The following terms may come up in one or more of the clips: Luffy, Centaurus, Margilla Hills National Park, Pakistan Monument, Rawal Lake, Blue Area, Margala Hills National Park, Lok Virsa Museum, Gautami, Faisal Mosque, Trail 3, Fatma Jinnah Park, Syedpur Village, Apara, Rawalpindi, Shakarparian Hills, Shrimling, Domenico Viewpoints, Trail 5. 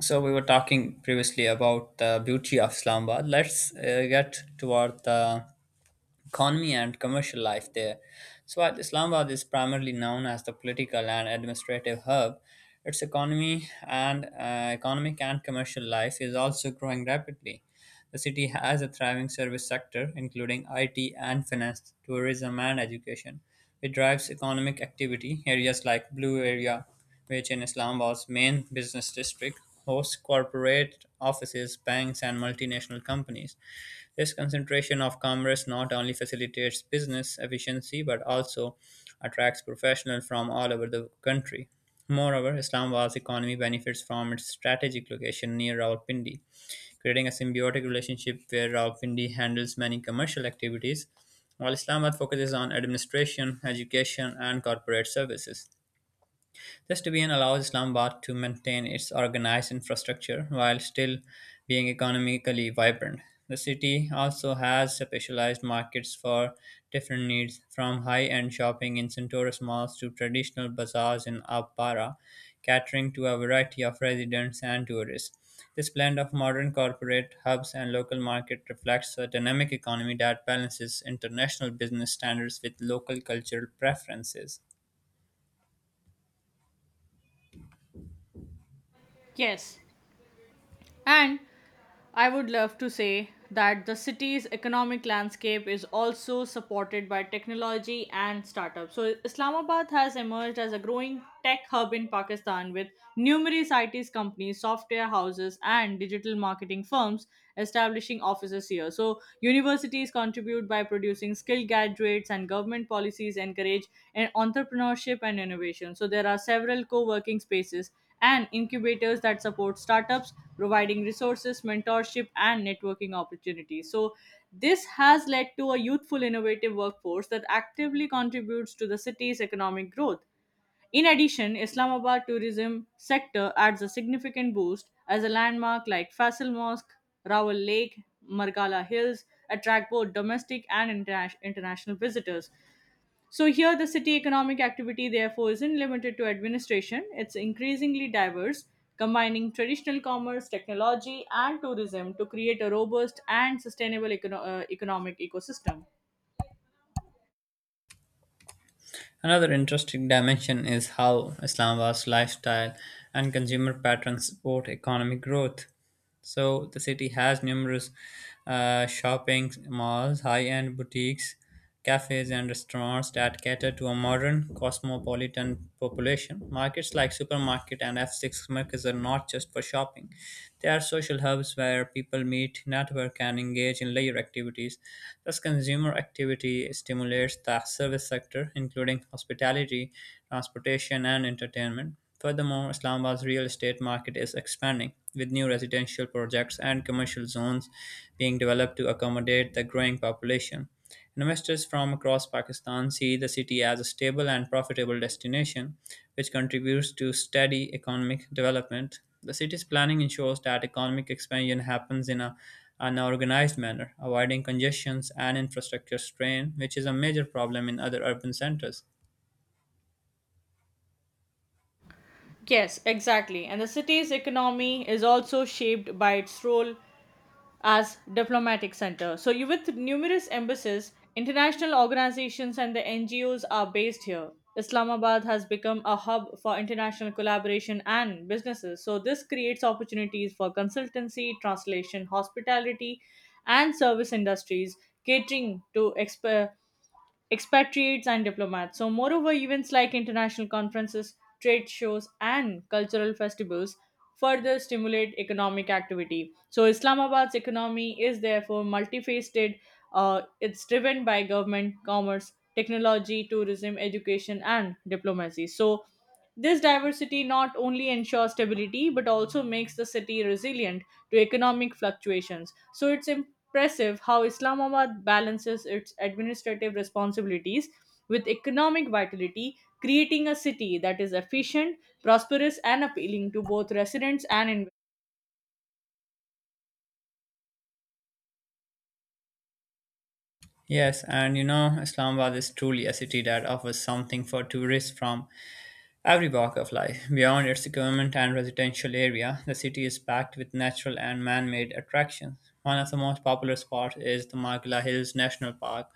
So we were talking previously about the beauty of Islamabad. Let's get toward the economy and commercial life there. So while Islamabad is primarily known as the political and administrative hub, its economy and economic and commercial life is also growing rapidly. The city has a thriving service sector, including IT and finance, tourism and education, which drives economic activity. Areas like Blue Area which in Islamabad's main business district hosts corporate offices, banks, and multinational companies. This concentration of commerce not only facilitates business efficiency but also attracts professionals from all over the country. Moreover, Islamabad's economy benefits from its strategic location near Rawalpindi, creating a symbiotic relationship where Rawalpindi handles many commercial activities, while Islamabad focuses on administration, education, and corporate services. This division allows Islamabad to maintain its organized infrastructure while still being economically vibrant. The city also has specialized markets for different needs, from high end shopping in Centaurus malls to traditional bazaars in Apara, catering to a variety of residents and tourists. This blend of modern corporate hubs and local market reflects a dynamic economy that balances international business standards with local cultural preferences. Yes, and I would love to say that the city's economic landscape is also supported by technology and startups. So, Islamabad has emerged as a growing tech hub in Pakistan with numerous IT companies, software houses, and digital marketing firms establishing offices here. So, universities contribute by producing skilled graduates, and government policies encourage entrepreneurship and innovation. So, there are several co working spaces and incubators that support startups, providing resources, mentorship, and networking opportunities. So, this has led to a youthful, innovative workforce that actively contributes to the city's economic growth. In addition, Islamabad tourism sector adds a significant boost as a landmark like Faisal Mosque, Rawal Lake, Margala Hills attract both domestic and international visitors. So here, the city economic activity therefore isn't limited to administration. It's increasingly diverse, combining traditional commerce, technology, and tourism to create a robust and sustainable economic ecosystem. Another interesting dimension is how Islamabad's lifestyle and consumer patterns support economic growth. So the city has numerous shopping malls, high-end boutiques, cafes, and restaurants that cater to a modern cosmopolitan population. Markets like supermarket and F6 markets are not just for shopping; they are social hubs where people meet, network, and engage in leisure activities. Thus, consumer activity stimulates the service sector, including hospitality, transportation, and entertainment. Furthermore, Islamabad's real estate market is expanding, with new residential projects and commercial zones being developed to accommodate the growing population. Investors from across Pakistan see the city as a stable and profitable destination, which contributes to steady economic development. The city's planning ensures that economic expansion happens in an organized manner, avoiding congestions and infrastructure strain, which is a major problem in other urban centers. Yes, exactly. And the city's economy is also shaped by its role as diplomatic center. So you with numerous embassies, international organizations and the NGOs are based here. Islamabad has become a hub for international collaboration and businesses. So this creates opportunities for consultancy, translation, hospitality and service industries catering to expatriates and diplomats. So, moreover, events like international conferences, trade shows, and cultural festivals further stimulate economic activity. So, Islamabad's economy is therefore multifaceted. It's driven by government, commerce, technology, tourism, education, and diplomacy. So, this diversity not only ensures stability but also makes the city resilient to economic fluctuations. So, it's important impressive how Islamabad balances its administrative responsibilities with economic vitality, creating a city that is efficient, prosperous, and appealing to both residents and investors. Yes, and you know, Islamabad is truly a city that offers something for tourists from every walk of life. Beyond its government and residential area, the city is packed with natural and man made attractions. One of the most popular spots is the Margilla Hills National Park.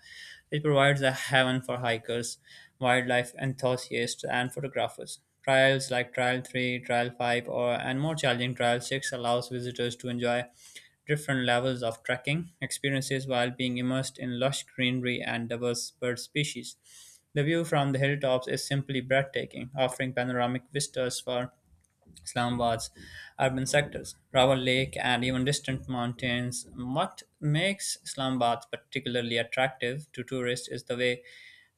It provides a haven for hikers, wildlife enthusiasts, and photographers. Trials like Trial 3, Trial 5, or and more challenging Trial 6 allows visitors to enjoy different levels of trekking experiences while being immersed in lush greenery and diverse bird species. The view from the hilltops is simply breathtaking, offering panoramic vistas for Islamabad's urban sectors, Rawal Lake, and even distant mountains. What makes Islamabad particularly attractive to tourists is the way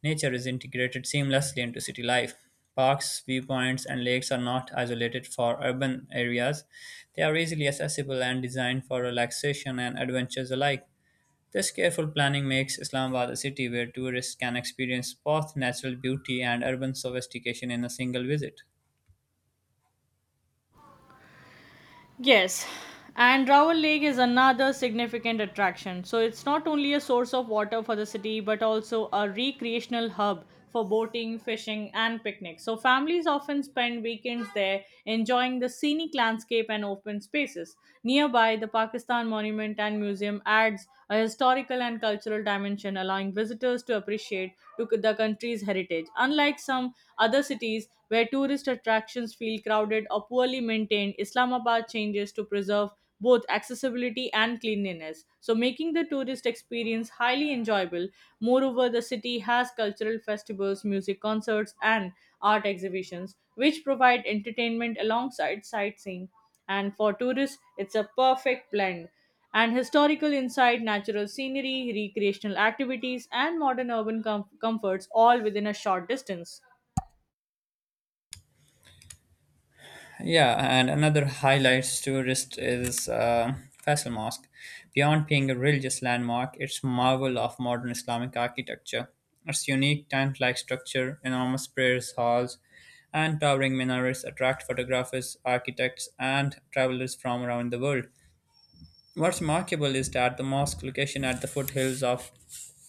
nature is integrated seamlessly into city life. Parks, viewpoints, and lakes are not isolated for urban areas. They are easily accessible and designed for relaxation and adventures alike. This careful planning makes Islamabad a city where tourists can experience both natural beauty and urban sophistication in a single visit. Yes, and Raoul Lake is another significant attraction. So it's not only a source of water for the city, but also a recreational hub for boating, fishing, and picnics. So families often spend weekends there enjoying the scenic landscape and open spaces. Nearby, the Pakistan Monument and Museum adds a historical and cultural dimension, allowing visitors to appreciate to the country's heritage. Unlike some other cities where tourist attractions feel crowded or poorly maintained, Islamabad changes to preserve both accessibility and cleanliness, so making the tourist experience highly enjoyable. Moreover, the city has cultural festivals, music concerts, and art exhibitions, which provide entertainment alongside sightseeing. And for tourists, it's a perfect blend and historical insight, natural scenery, recreational activities, and modern urban comforts all within a short distance. Yeah, and another highlights tourist is Faisal Mosque. Beyond being a religious landmark, it's marvel of modern Islamic architecture. Its unique tent-like structure, enormous prayer halls, and towering minarets attract photographers, architects, and travelers from around the world. What's remarkable is that the mosque location at the foothills of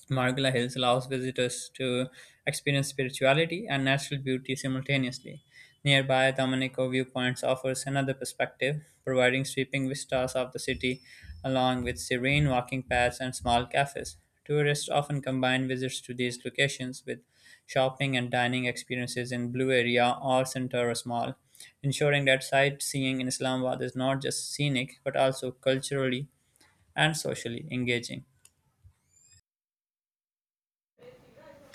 Margala Hills allows visitors to experience spirituality and natural beauty simultaneously. Nearby, the Domenico Viewpoints offers another perspective, providing sweeping vistas of the city along with serene walking paths and small cafes. Tourists often combine visits to these locations with shopping and dining experiences in Blue Area or Centaurus Mall, ensuring that sightseeing in Islamabad is not just scenic but also culturally and socially engaging.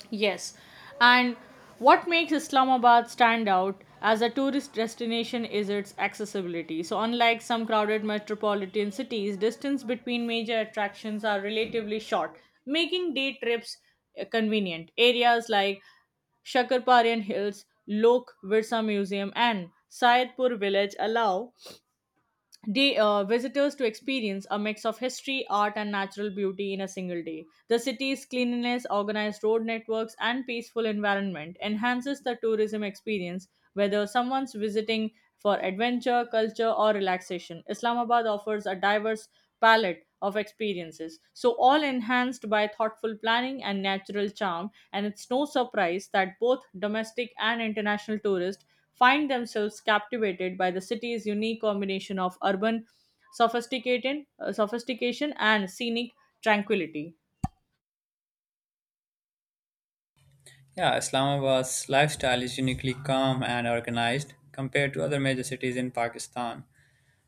Yes. And what makes Islamabad stand out as a tourist destination is its accessibility. So, unlike some crowded metropolitan cities, distance between major attractions are relatively short, making day trips convenient. Areas like Shakarparian Hills, Lok Virsa Museum, and Syedpur Village allow the visitors to experience a mix of history, art, and natural beauty in a single day. The city's cleanliness, organized road networks, and peaceful environment enhances the tourism experience, whether someone's visiting for adventure, culture, or relaxation. Islamabad offers a diverse palette of experiences, so all enhanced by thoughtful planning and natural charm. And it's no surprise that both domestic and international tourists find themselves captivated by the city's unique combination of urban sophisticated sophistication and scenic tranquility. Yeah, Islamabad's lifestyle is uniquely calm and organized compared to other major cities in Pakistan.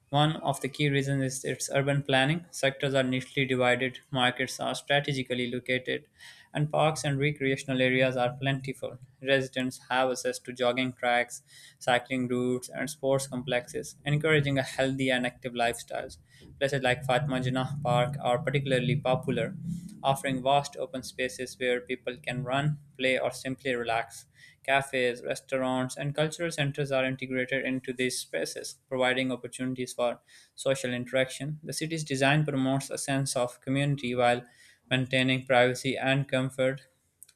One of the key reasons is its urban planning. Sectors are neatly divided, markets are strategically located, and parks and recreational areas are plentiful. Residents have access to jogging tracks, cycling routes, and sports complexes, encouraging a healthy and active lifestyles. Places like Fatma Jinnah Park are particularly popular, offering vast open spaces where people can run, play, or simply relax. Cafes, restaurants, and cultural centers are integrated into these spaces, providing opportunities for social interaction. The city's design promotes a sense of community while maintaining privacy and comfort.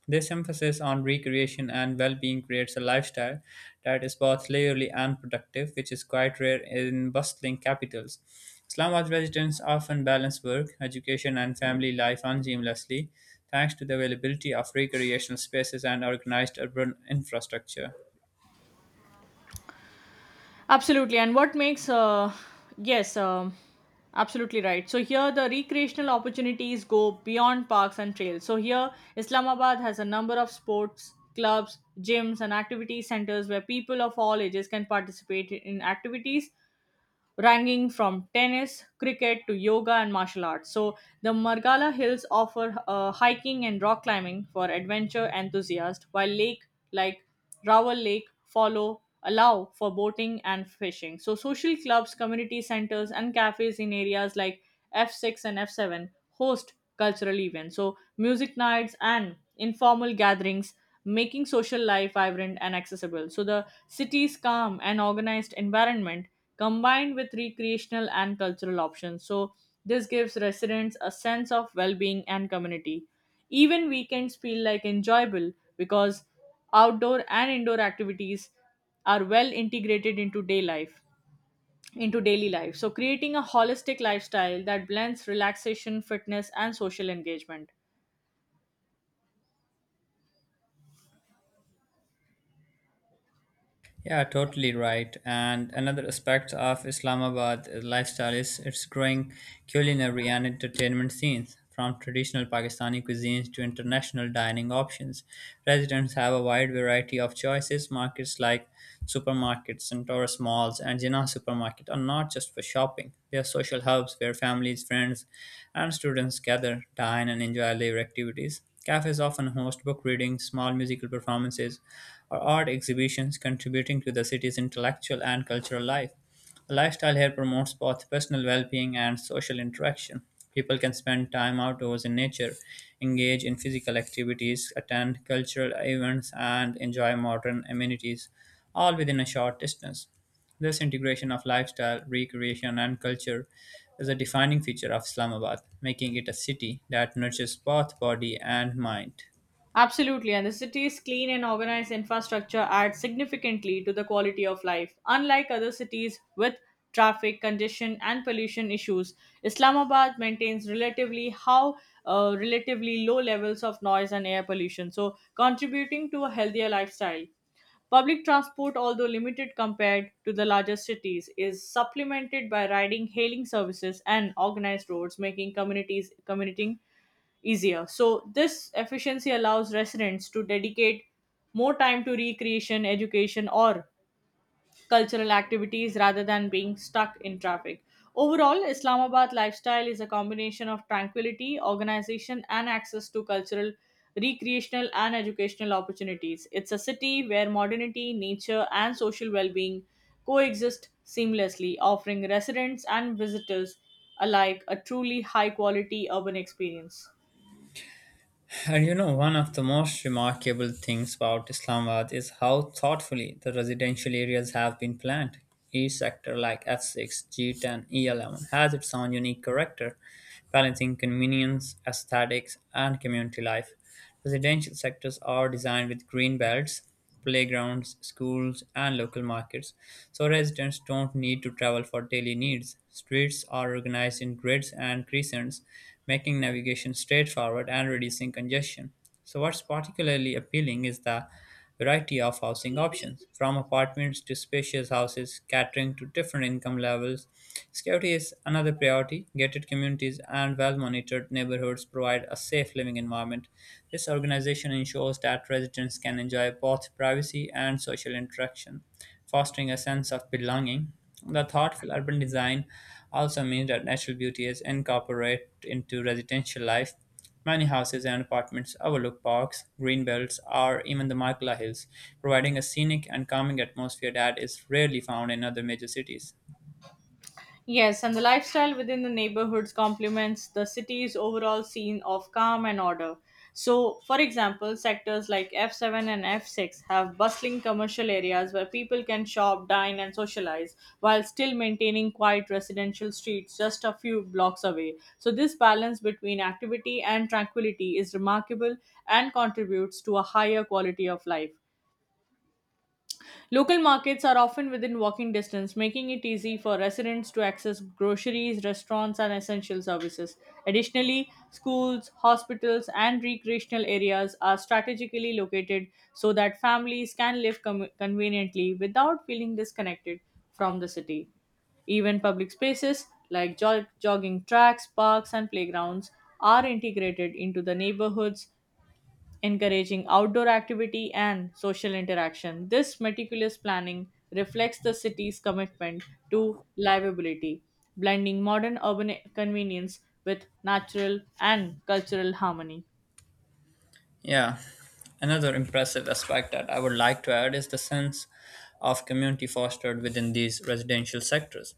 This emphasis on recreation and well being creates a lifestyle that is both leisurely and productive, which is quite rare in bustling capitals. Islamabad residents often balance work, education, and family life unseamlessly, thanks to the availability of recreational spaces and organized urban infrastructure. Absolutely and what makes yes Absolutely right, so here the recreational opportunities go beyond parks and trails, so here Islamabad has a number of sports clubs, gyms and activity centers where people of all ages can participate in activities ranging from tennis, cricket to yoga and martial arts. So, the Margala Hills offer hiking and rock climbing for adventure enthusiasts, while lake like Rawal Lake follow allow for boating and fishing. So, social clubs, community centers, and cafes in areas like F6 and F7 host cultural events. So, music nights and informal gatherings making social life vibrant and accessible. So, the city's calm and organized environment combined with recreational and cultural options. So, this gives residents a sense of well being and community. Even weekends feel like enjoyable because outdoor and indoor activities are well integrated into daily life, so creating a holistic lifestyle that blends relaxation, fitness and social engagement. Yeah, totally right. And another aspect of Islamabad lifestyle is its growing culinary and entertainment scenes. From traditional Pakistani cuisines to international dining options, residents have a wide variety of choices. Markets like supermarkets and tourist malls and Jinnah supermarket are not just for shopping. They are social hubs where families, friends, and students gather, dine, and enjoy leisure activities. Cafes often host book readings, small musical performances, or art exhibitions, contributing to the city's intellectual and cultural life. A lifestyle here promotes both personal well being and social interaction. People can spend time outdoors in nature, engage in physical activities, attend cultural events, and enjoy modern amenities, all within a short distance. This integration of lifestyle, recreation, and culture is a defining feature of Islamabad, making it a city that nurtures both body and mind. Absolutely, and the city's clean and organized infrastructure adds significantly to the quality of life. Unlike other cities with traffic congestion and pollution issues, Islamabad maintains relatively low levels of noise and air pollution, so contributing to a healthier lifestyle. Public transport, although limited compared to the larger cities, is supplemented by riding hailing services and organized roads, making communities commuting easier. So, this efficiency allows residents to dedicate more time to recreation, education, or cultural activities rather than being stuck in traffic. Overall, Islamabad lifestyle is a combination of tranquility, organization, and access to cultural, recreational, and educational opportunities. It's a city where modernity, nature, and social well being coexist seamlessly, offering residents and visitors alike a truly high quality urban experience. And you know, one of the most remarkable things about Islamabad is how thoughtfully the residential areas have been planned. Each sector, like F6, G10, E11, has its own unique character, balancing convenience, aesthetics, and community life. Residential sectors are designed with green belts, playgrounds, schools, and local markets, so residents don't need to travel for daily needs. Streets are organized in grids and crescents, making navigation straightforward and reducing congestion. So, what's particularly appealing is the variety of housing options, from apartments to spacious houses catering to different income levels. Security is another priority. Gated communities and well monitored neighborhoods provide a safe living environment. This organization ensures that residents can enjoy both privacy and social interaction, fostering a sense of belonging. The thoughtful urban design also means that natural beauty is incorporated into residential life. Many houses and apartments overlook parks, green belts, or even the Markla Hills, providing a scenic and calming atmosphere that is rarely found in other major cities. Yes, and the lifestyle within the neighborhoods complements the city's overall scene of calm and order. So, for example, sectors like F7 and F6 have bustling commercial areas where people can shop, dine, and socialize while still maintaining quiet residential streets just a few blocks away. So, this balance between activity and tranquility is remarkable and contributes to a higher quality of life. Local markets are often within walking distance, making it easy for residents to access groceries, restaurants, and essential services. Additionally, schools, hospitals, and recreational areas are strategically located so that families can live conveniently without feeling disconnected from the city. Even public spaces like jogging tracks, parks, and playgrounds are integrated into the neighborhoods, encouraging outdoor activity and social interaction. This meticulous planning reflects the city's commitment to livability, blending modern urban convenience with natural and cultural harmony. Yeah, another impressive aspect that I would like to add is the sense of community fostered within these residential sectors.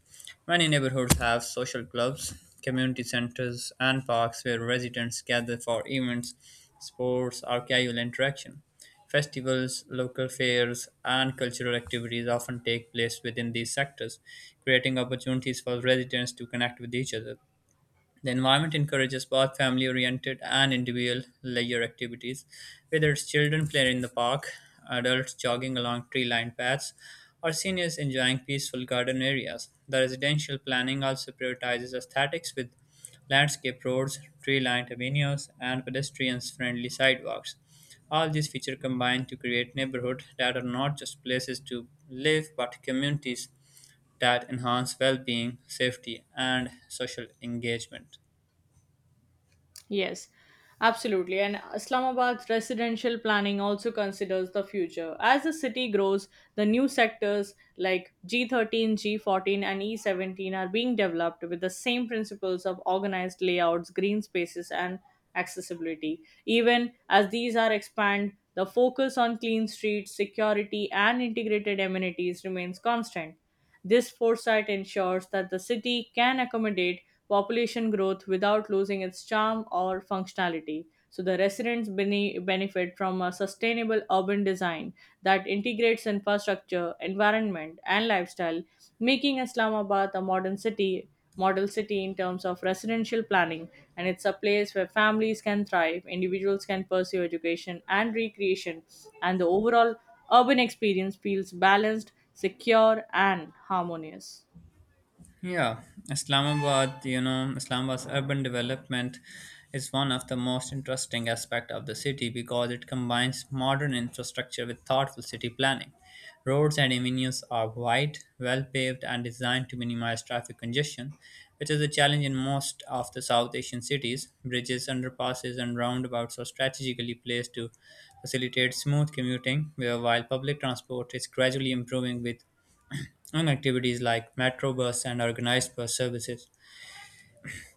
Many neighborhoods have social clubs, community centers, and parks where residents gather for events, sports, or casual interaction. Festivals, local fairs, and cultural activities often take place within these sectors, creating opportunities for residents to connect with each other. The environment encourages both family oriented and individual leisure activities, whether it's children playing in the park, adults jogging along tree lined paths, or seniors enjoying peaceful garden areas. The residential planning also prioritizes aesthetics with landscape roads, tree lined avenues, and pedestrians friendly sidewalks. All these features combine to create neighborhoods that are not just places to live but communities that enhance well being, safety, and social engagement. Yes, absolutely. And Islamabad's residential planning also considers the future. As the city grows, the new sectors like G13, G14, and E17 are being developed with the same principles of organized layouts, green spaces, and accessibility. Even as these are expand, the focus on clean streets, security, and integrated amenities remains constant. This foresight ensures that the city can accommodate population growth without losing its charm or functionality. So, the residents benefit from a sustainable urban design that integrates infrastructure, environment, and lifestyle, making Islamabad a modern city model city in terms of residential planning, and it's a place where families can thrive, individuals can pursue education and recreation, and the overall urban experience feels balanced, secure and harmonious. Yeah, Islamabad's urban development is one of the most interesting aspects of the city because it combines modern infrastructure with thoughtful city planning. Roads and avenues are wide, well paved, and designed to minimize traffic congestion, which is a challenge in most of the South Asian cities. Bridges, underpasses, and roundabouts are strategically placed to facilitate smooth commuting, where while public transport is gradually improving with and activities like metro bus and organized bus services.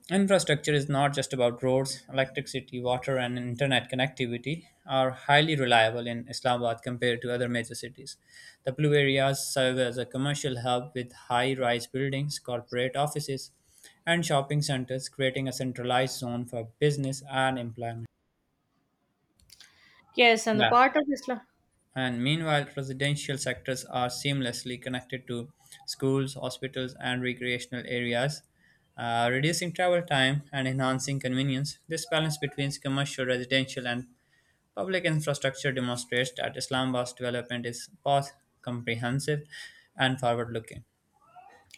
Infrastructure is not just about roads, electricity, water, and internet connectivity are highly reliable in Islamabad compared to other major cities. The blue areas serve as a commercial hub with high rise buildings, corporate offices, and shopping centers, creating a centralized zone for business and employment. Yes, and the Yeah. part of Islam. And meanwhile, residential sectors are seamlessly connected to schools, hospitals, and recreational areas, reducing travel time and enhancing convenience. This balance between commercial, residential, and public infrastructure demonstrates that Islamabad's development is both comprehensive and forward looking.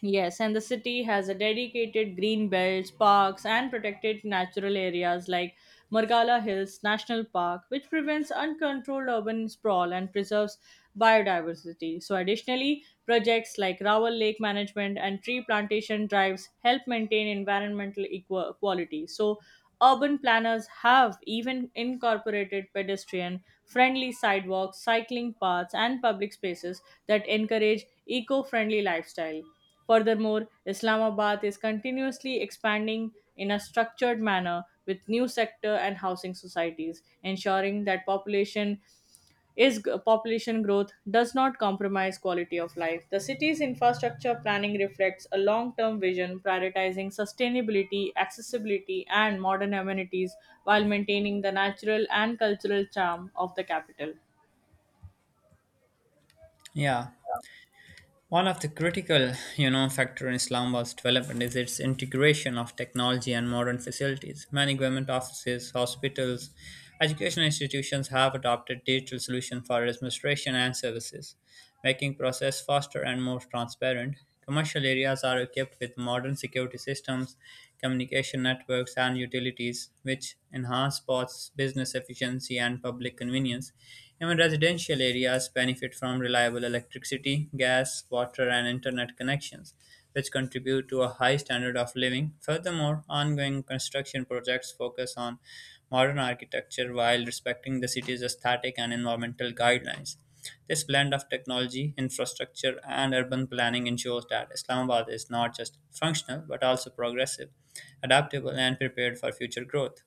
Yes, and the city has a dedicated green belts, parks, and protected natural areas like Margala Hills National Park, which prevents uncontrolled urban sprawl and preserves biodiversity. So, additionally, projects like Rawal Lake Management and tree plantation drives help maintain environmental quality. So, urban planners have even incorporated pedestrian friendly sidewalks, cycling paths, and public spaces that encourage eco friendly lifestyle. Furthermore, Islamabad is continuously expanding in a structured manner with new sector and housing societies, ensuring that population growth does not compromise quality of life. The city's infrastructure planning reflects a long-term vision prioritizing sustainability, accessibility, and modern amenities while maintaining the natural and cultural charm of the capital. Yeah, One of the critical factor in Islamabad's development is its integration of technology and modern facilities. Many government offices, hospitals, educational institutions have adopted digital solutions for administration and services, making process faster and more transparent. Commercial areas are equipped with modern security systems, communication networks, and utilities, which enhance both business efficiency and public convenience. Even residential areas benefit from reliable electricity, gas, water, and internet connections, which contribute to a high standard of living. Furthermore, ongoing construction projects focus on modern architecture while respecting the city's aesthetic and environmental guidelines. This blend of technology, infrastructure, and urban planning ensures that Islamabad is not just functional but also progressive, adaptable, and prepared for future growth.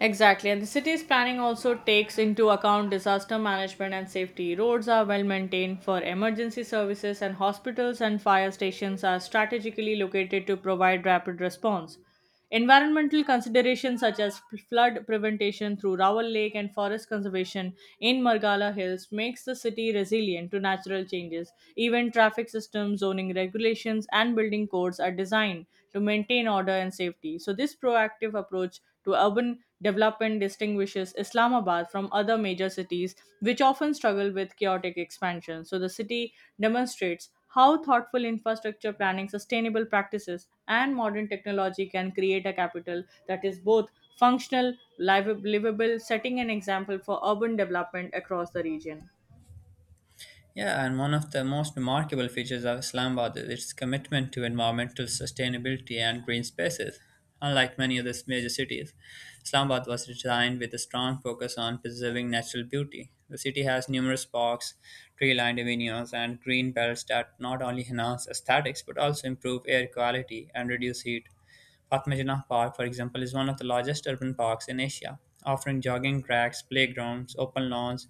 Exactly, and the city's planning also takes into account disaster management and safety. Roads are well maintained for emergency services, and hospitals and fire stations are strategically located to provide rapid response. Environmental considerations such as flood prevention through Rawal Lake and forest conservation in Margala Hills makes the city resilient to natural changes. Even traffic systems, zoning regulations, and building codes are designed to maintain order and safety. So this proactive approach to urban development distinguishes Islamabad from other major cities, which often struggle with chaotic expansion. So the city demonstrates how thoughtful infrastructure planning, sustainable practices, and modern technology can create a capital that is both functional, livable, setting an example for urban development across the region. Yeah, and one of the most remarkable features of Islamabad is its commitment to environmental sustainability and green spaces. Unlike many other major cities, Islamabad was designed with a strong focus on preserving natural beauty. The city has numerous parks, tree lined avenues, and green belts that not only enhance aesthetics but also improve air quality and reduce heat. Fatma Janah Park, for example, is one of the largest urban parks in Asia, offering jogging tracks, playgrounds, open lawns,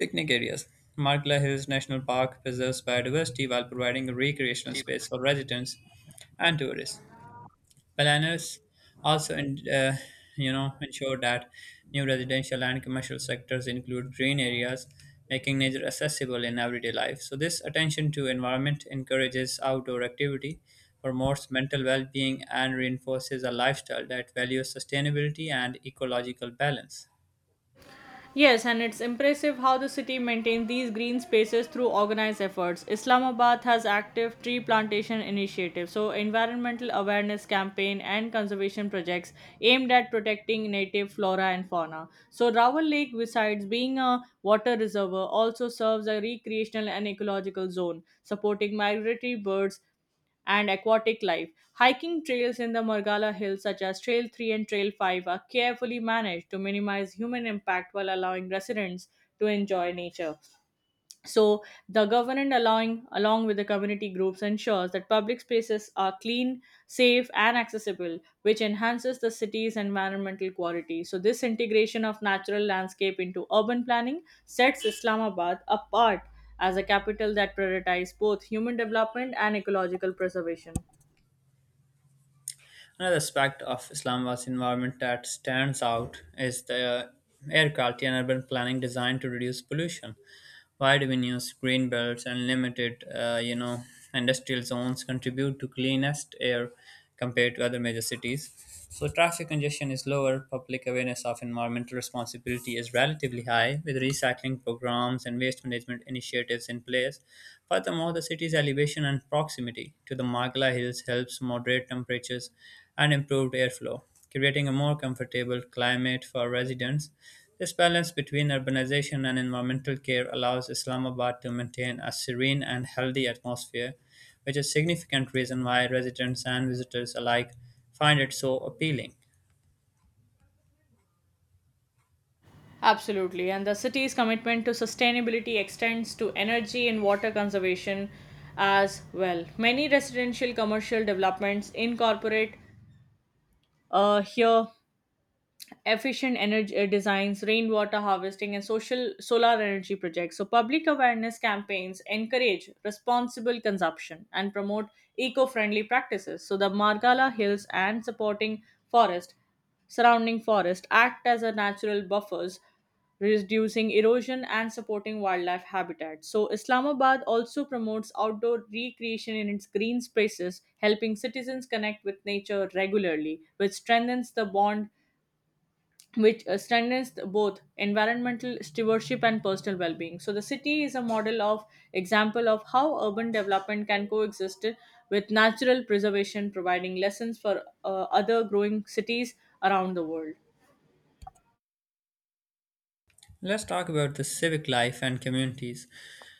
picnic areas. Markla Hills National Park preserves biodiversity while providing a recreational space for residents and tourists. Planners also ensure that new residential and commercial sectors include green areas, making nature accessible in everyday life. So this attention to environment encourages outdoor activity, promotes mental well-being, and reinforces a lifestyle that values sustainability and ecological balance. Yes, and it's impressive how the city maintains these green spaces through organized efforts. Islamabad has active tree plantation initiatives, so environmental awareness campaign and conservation projects aimed at protecting native flora and fauna. So Rawal Lake, besides being a water reservoir, also serves a recreational and ecological zone, supporting migratory birds and aquatic life. Hiking trails in the Margala Hills, such as Trail 3 and Trail 5, are carefully managed to minimize human impact while allowing residents to enjoy nature. So the government allowing along with the community groups ensures that public spaces are clean, safe and accessible, which enhances the city's environmental quality. So this integration of natural landscape into urban planning sets Islamabad apart as a capital that prioritizes both human development and ecological preservation. Another aspect of Islamabad's environment that stands out is the air quality and urban planning designed to reduce pollution. Wide avenues, green belts, and limited industrial zones contribute to cleanest air compared to other major cities. So traffic congestion is lower, public awareness of environmental responsibility is relatively high, with recycling programs and waste management initiatives in place. Furthermore, the city's elevation and proximity to the Magla Hills helps moderate temperatures and improved airflow, creating a more comfortable climate for residents. This balance between urbanization and environmental care allows Islamabad to maintain a serene and healthy atmosphere, which is a significant reason why residents and visitors alike find it so appealing. Absolutely. And the city's commitment to sustainability extends to energy and water conservation as well. Many residential commercial developments incorporate here efficient energy designs, rainwater harvesting, and social solar energy projects. So, public awareness campaigns encourage responsible consumption and promote eco-friendly practices. So, the Margala Hills and forest, surrounding forest, act as a natural buffers reducing erosion and supporting wildlife habitat. So, Islamabad also promotes outdoor recreation in its green spaces, helping citizens connect with nature regularly, which strengthens the bond which strengthens both environmental stewardship and personal well-being, so the city is a model of example of how urban development can coexist with natural preservation, providing lessons for other growing cities around the world. Let's talk about the civic life and communities.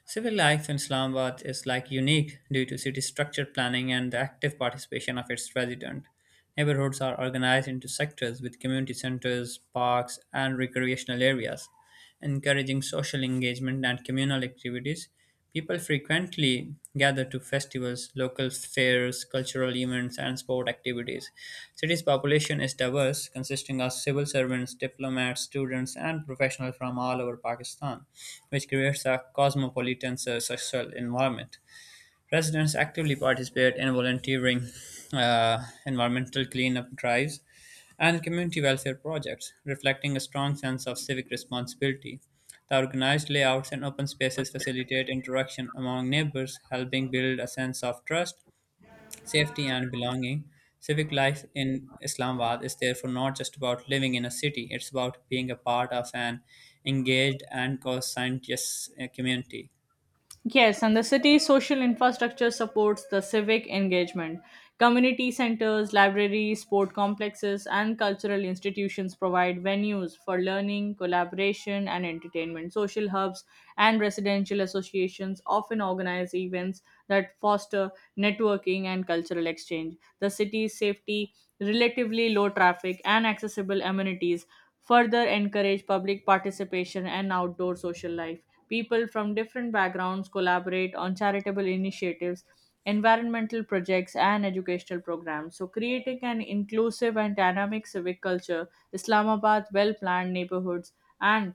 Civic life in Islamabad is like unique due to city structure planning and the active participation of its resident. Neighborhoods are organized into sectors with community centers, parks, and recreational areas, encouraging social engagement and communal activities. People frequently gather to festivals, local fairs, cultural events, and sport activities. City's population is diverse, consisting of civil servants, diplomats, students, and professionals from all over Pakistan, which creates a cosmopolitan social environment. Residents actively participate in volunteering, environmental cleanup drives, and community welfare projects, reflecting a strong sense of civic responsibility. The organized layouts and open spaces facilitate interaction among neighbors, helping build a sense of trust, safety, and belonging. Civic life in Islamabad is therefore not just about living in a city, it's about being a part of an engaged and conscientious community. Yes, and the city's social infrastructure supports the civic engagement. Community centers, libraries, sport complexes, and cultural institutions provide venues for learning, collaboration, and entertainment. Social hubs and residential associations often organize events that foster networking and cultural exchange. The city's safety, relatively low traffic, and accessible amenities further encourage public participation and outdoor social life. People from different backgrounds collaborate on charitable initiatives, environmental projects, and educational programs. So, creating an inclusive and dynamic civic culture, Islamabad well planned neighborhoods, and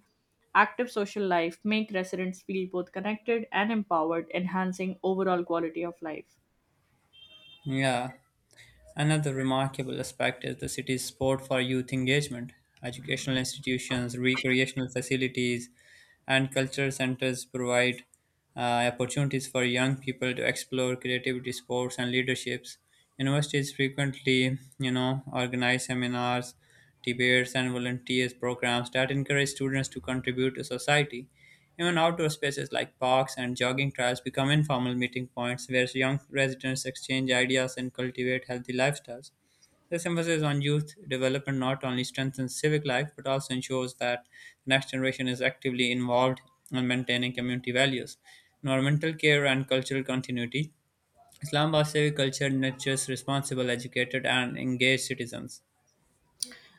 active social life make residents feel both connected and empowered, enhancing overall quality of life. Yeah. Another remarkable aspect is the city's support for youth engagement. Educational institutions, recreational facilities, and cultural centers provide opportunities for young people to explore creativity, sports, and leaderships. Universities frequently organize seminars debates, and volunteers programs that encourage students to contribute to society. Even outdoor spaces like parks and jogging trails become informal meeting points where young residents exchange ideas and cultivate healthy lifestyles. This emphasis on youth development not only strengthens civic life but also ensures that the next generation is actively involved in maintaining community values, environmental care, and cultural continuity. Islamabad's civic culture nurtures responsible, educated, and engaged citizens.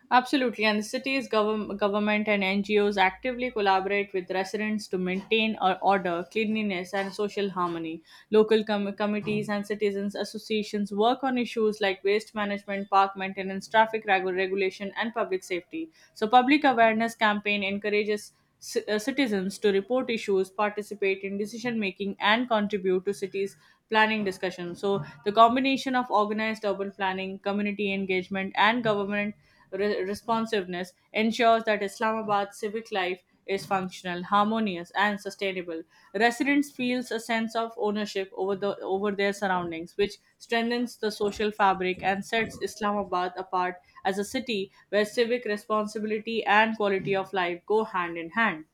Absolutely, and the city's government and NGOs actively collaborate with residents to maintain or order, cleanliness, and social harmony. Local committees and citizens' associations work on issues like waste management, park maintenance, traffic regulation, and public safety. So, public awareness campaign encourages citizens to report issues, participate in decision making, and contribute to cities' planning discussion. So, the combination of organized urban planning, community engagement, and government responsiveness ensures that Islamabad's civic life is functional, harmonious, and sustainable. Residents feels a sense of ownership over their surroundings, which strengthens the social fabric and sets Islamabad apart as a city where civic responsibility and quality of life go hand in hand.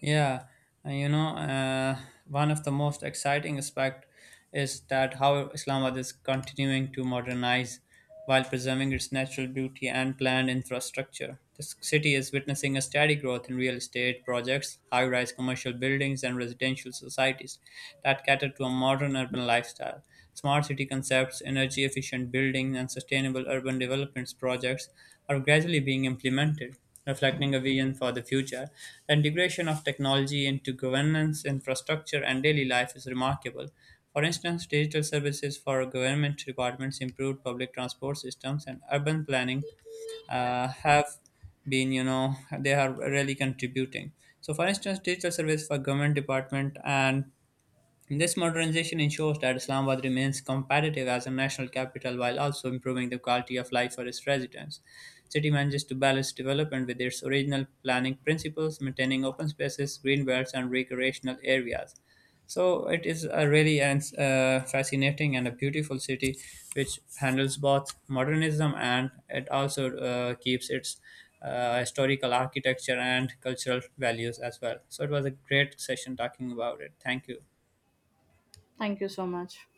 Yeah, and you know, uh, One of the most exciting aspect is that how Islamabad is continuing to modernize while preserving its natural beauty and planned infrastructure. This city is witnessing a steady growth in real estate projects, high-rise commercial buildings, and residential societies that cater to a modern urban lifestyle. Smart city concepts, energy-efficient buildings, and sustainable urban developments projects are gradually being implemented reflecting a vision for the future. The integration of technology into governance, infrastructure, and daily life is remarkable. For instance, digital services for government departments, improved public transport systems, and urban planning have been they are really contributing. So, for instance, digital service for government department and this modernization ensures that Islamabad remains competitive as a national capital while also improving the quality of life for its residents. City manages to balance development with its original planning principles, maintaining open spaces, green belts, and recreational areas. So it is a really fascinating and a beautiful city, which handles both modernism and it also keeps its historical architecture and cultural values as well. So it was a great session talking about it. Thank you. Thank you so much.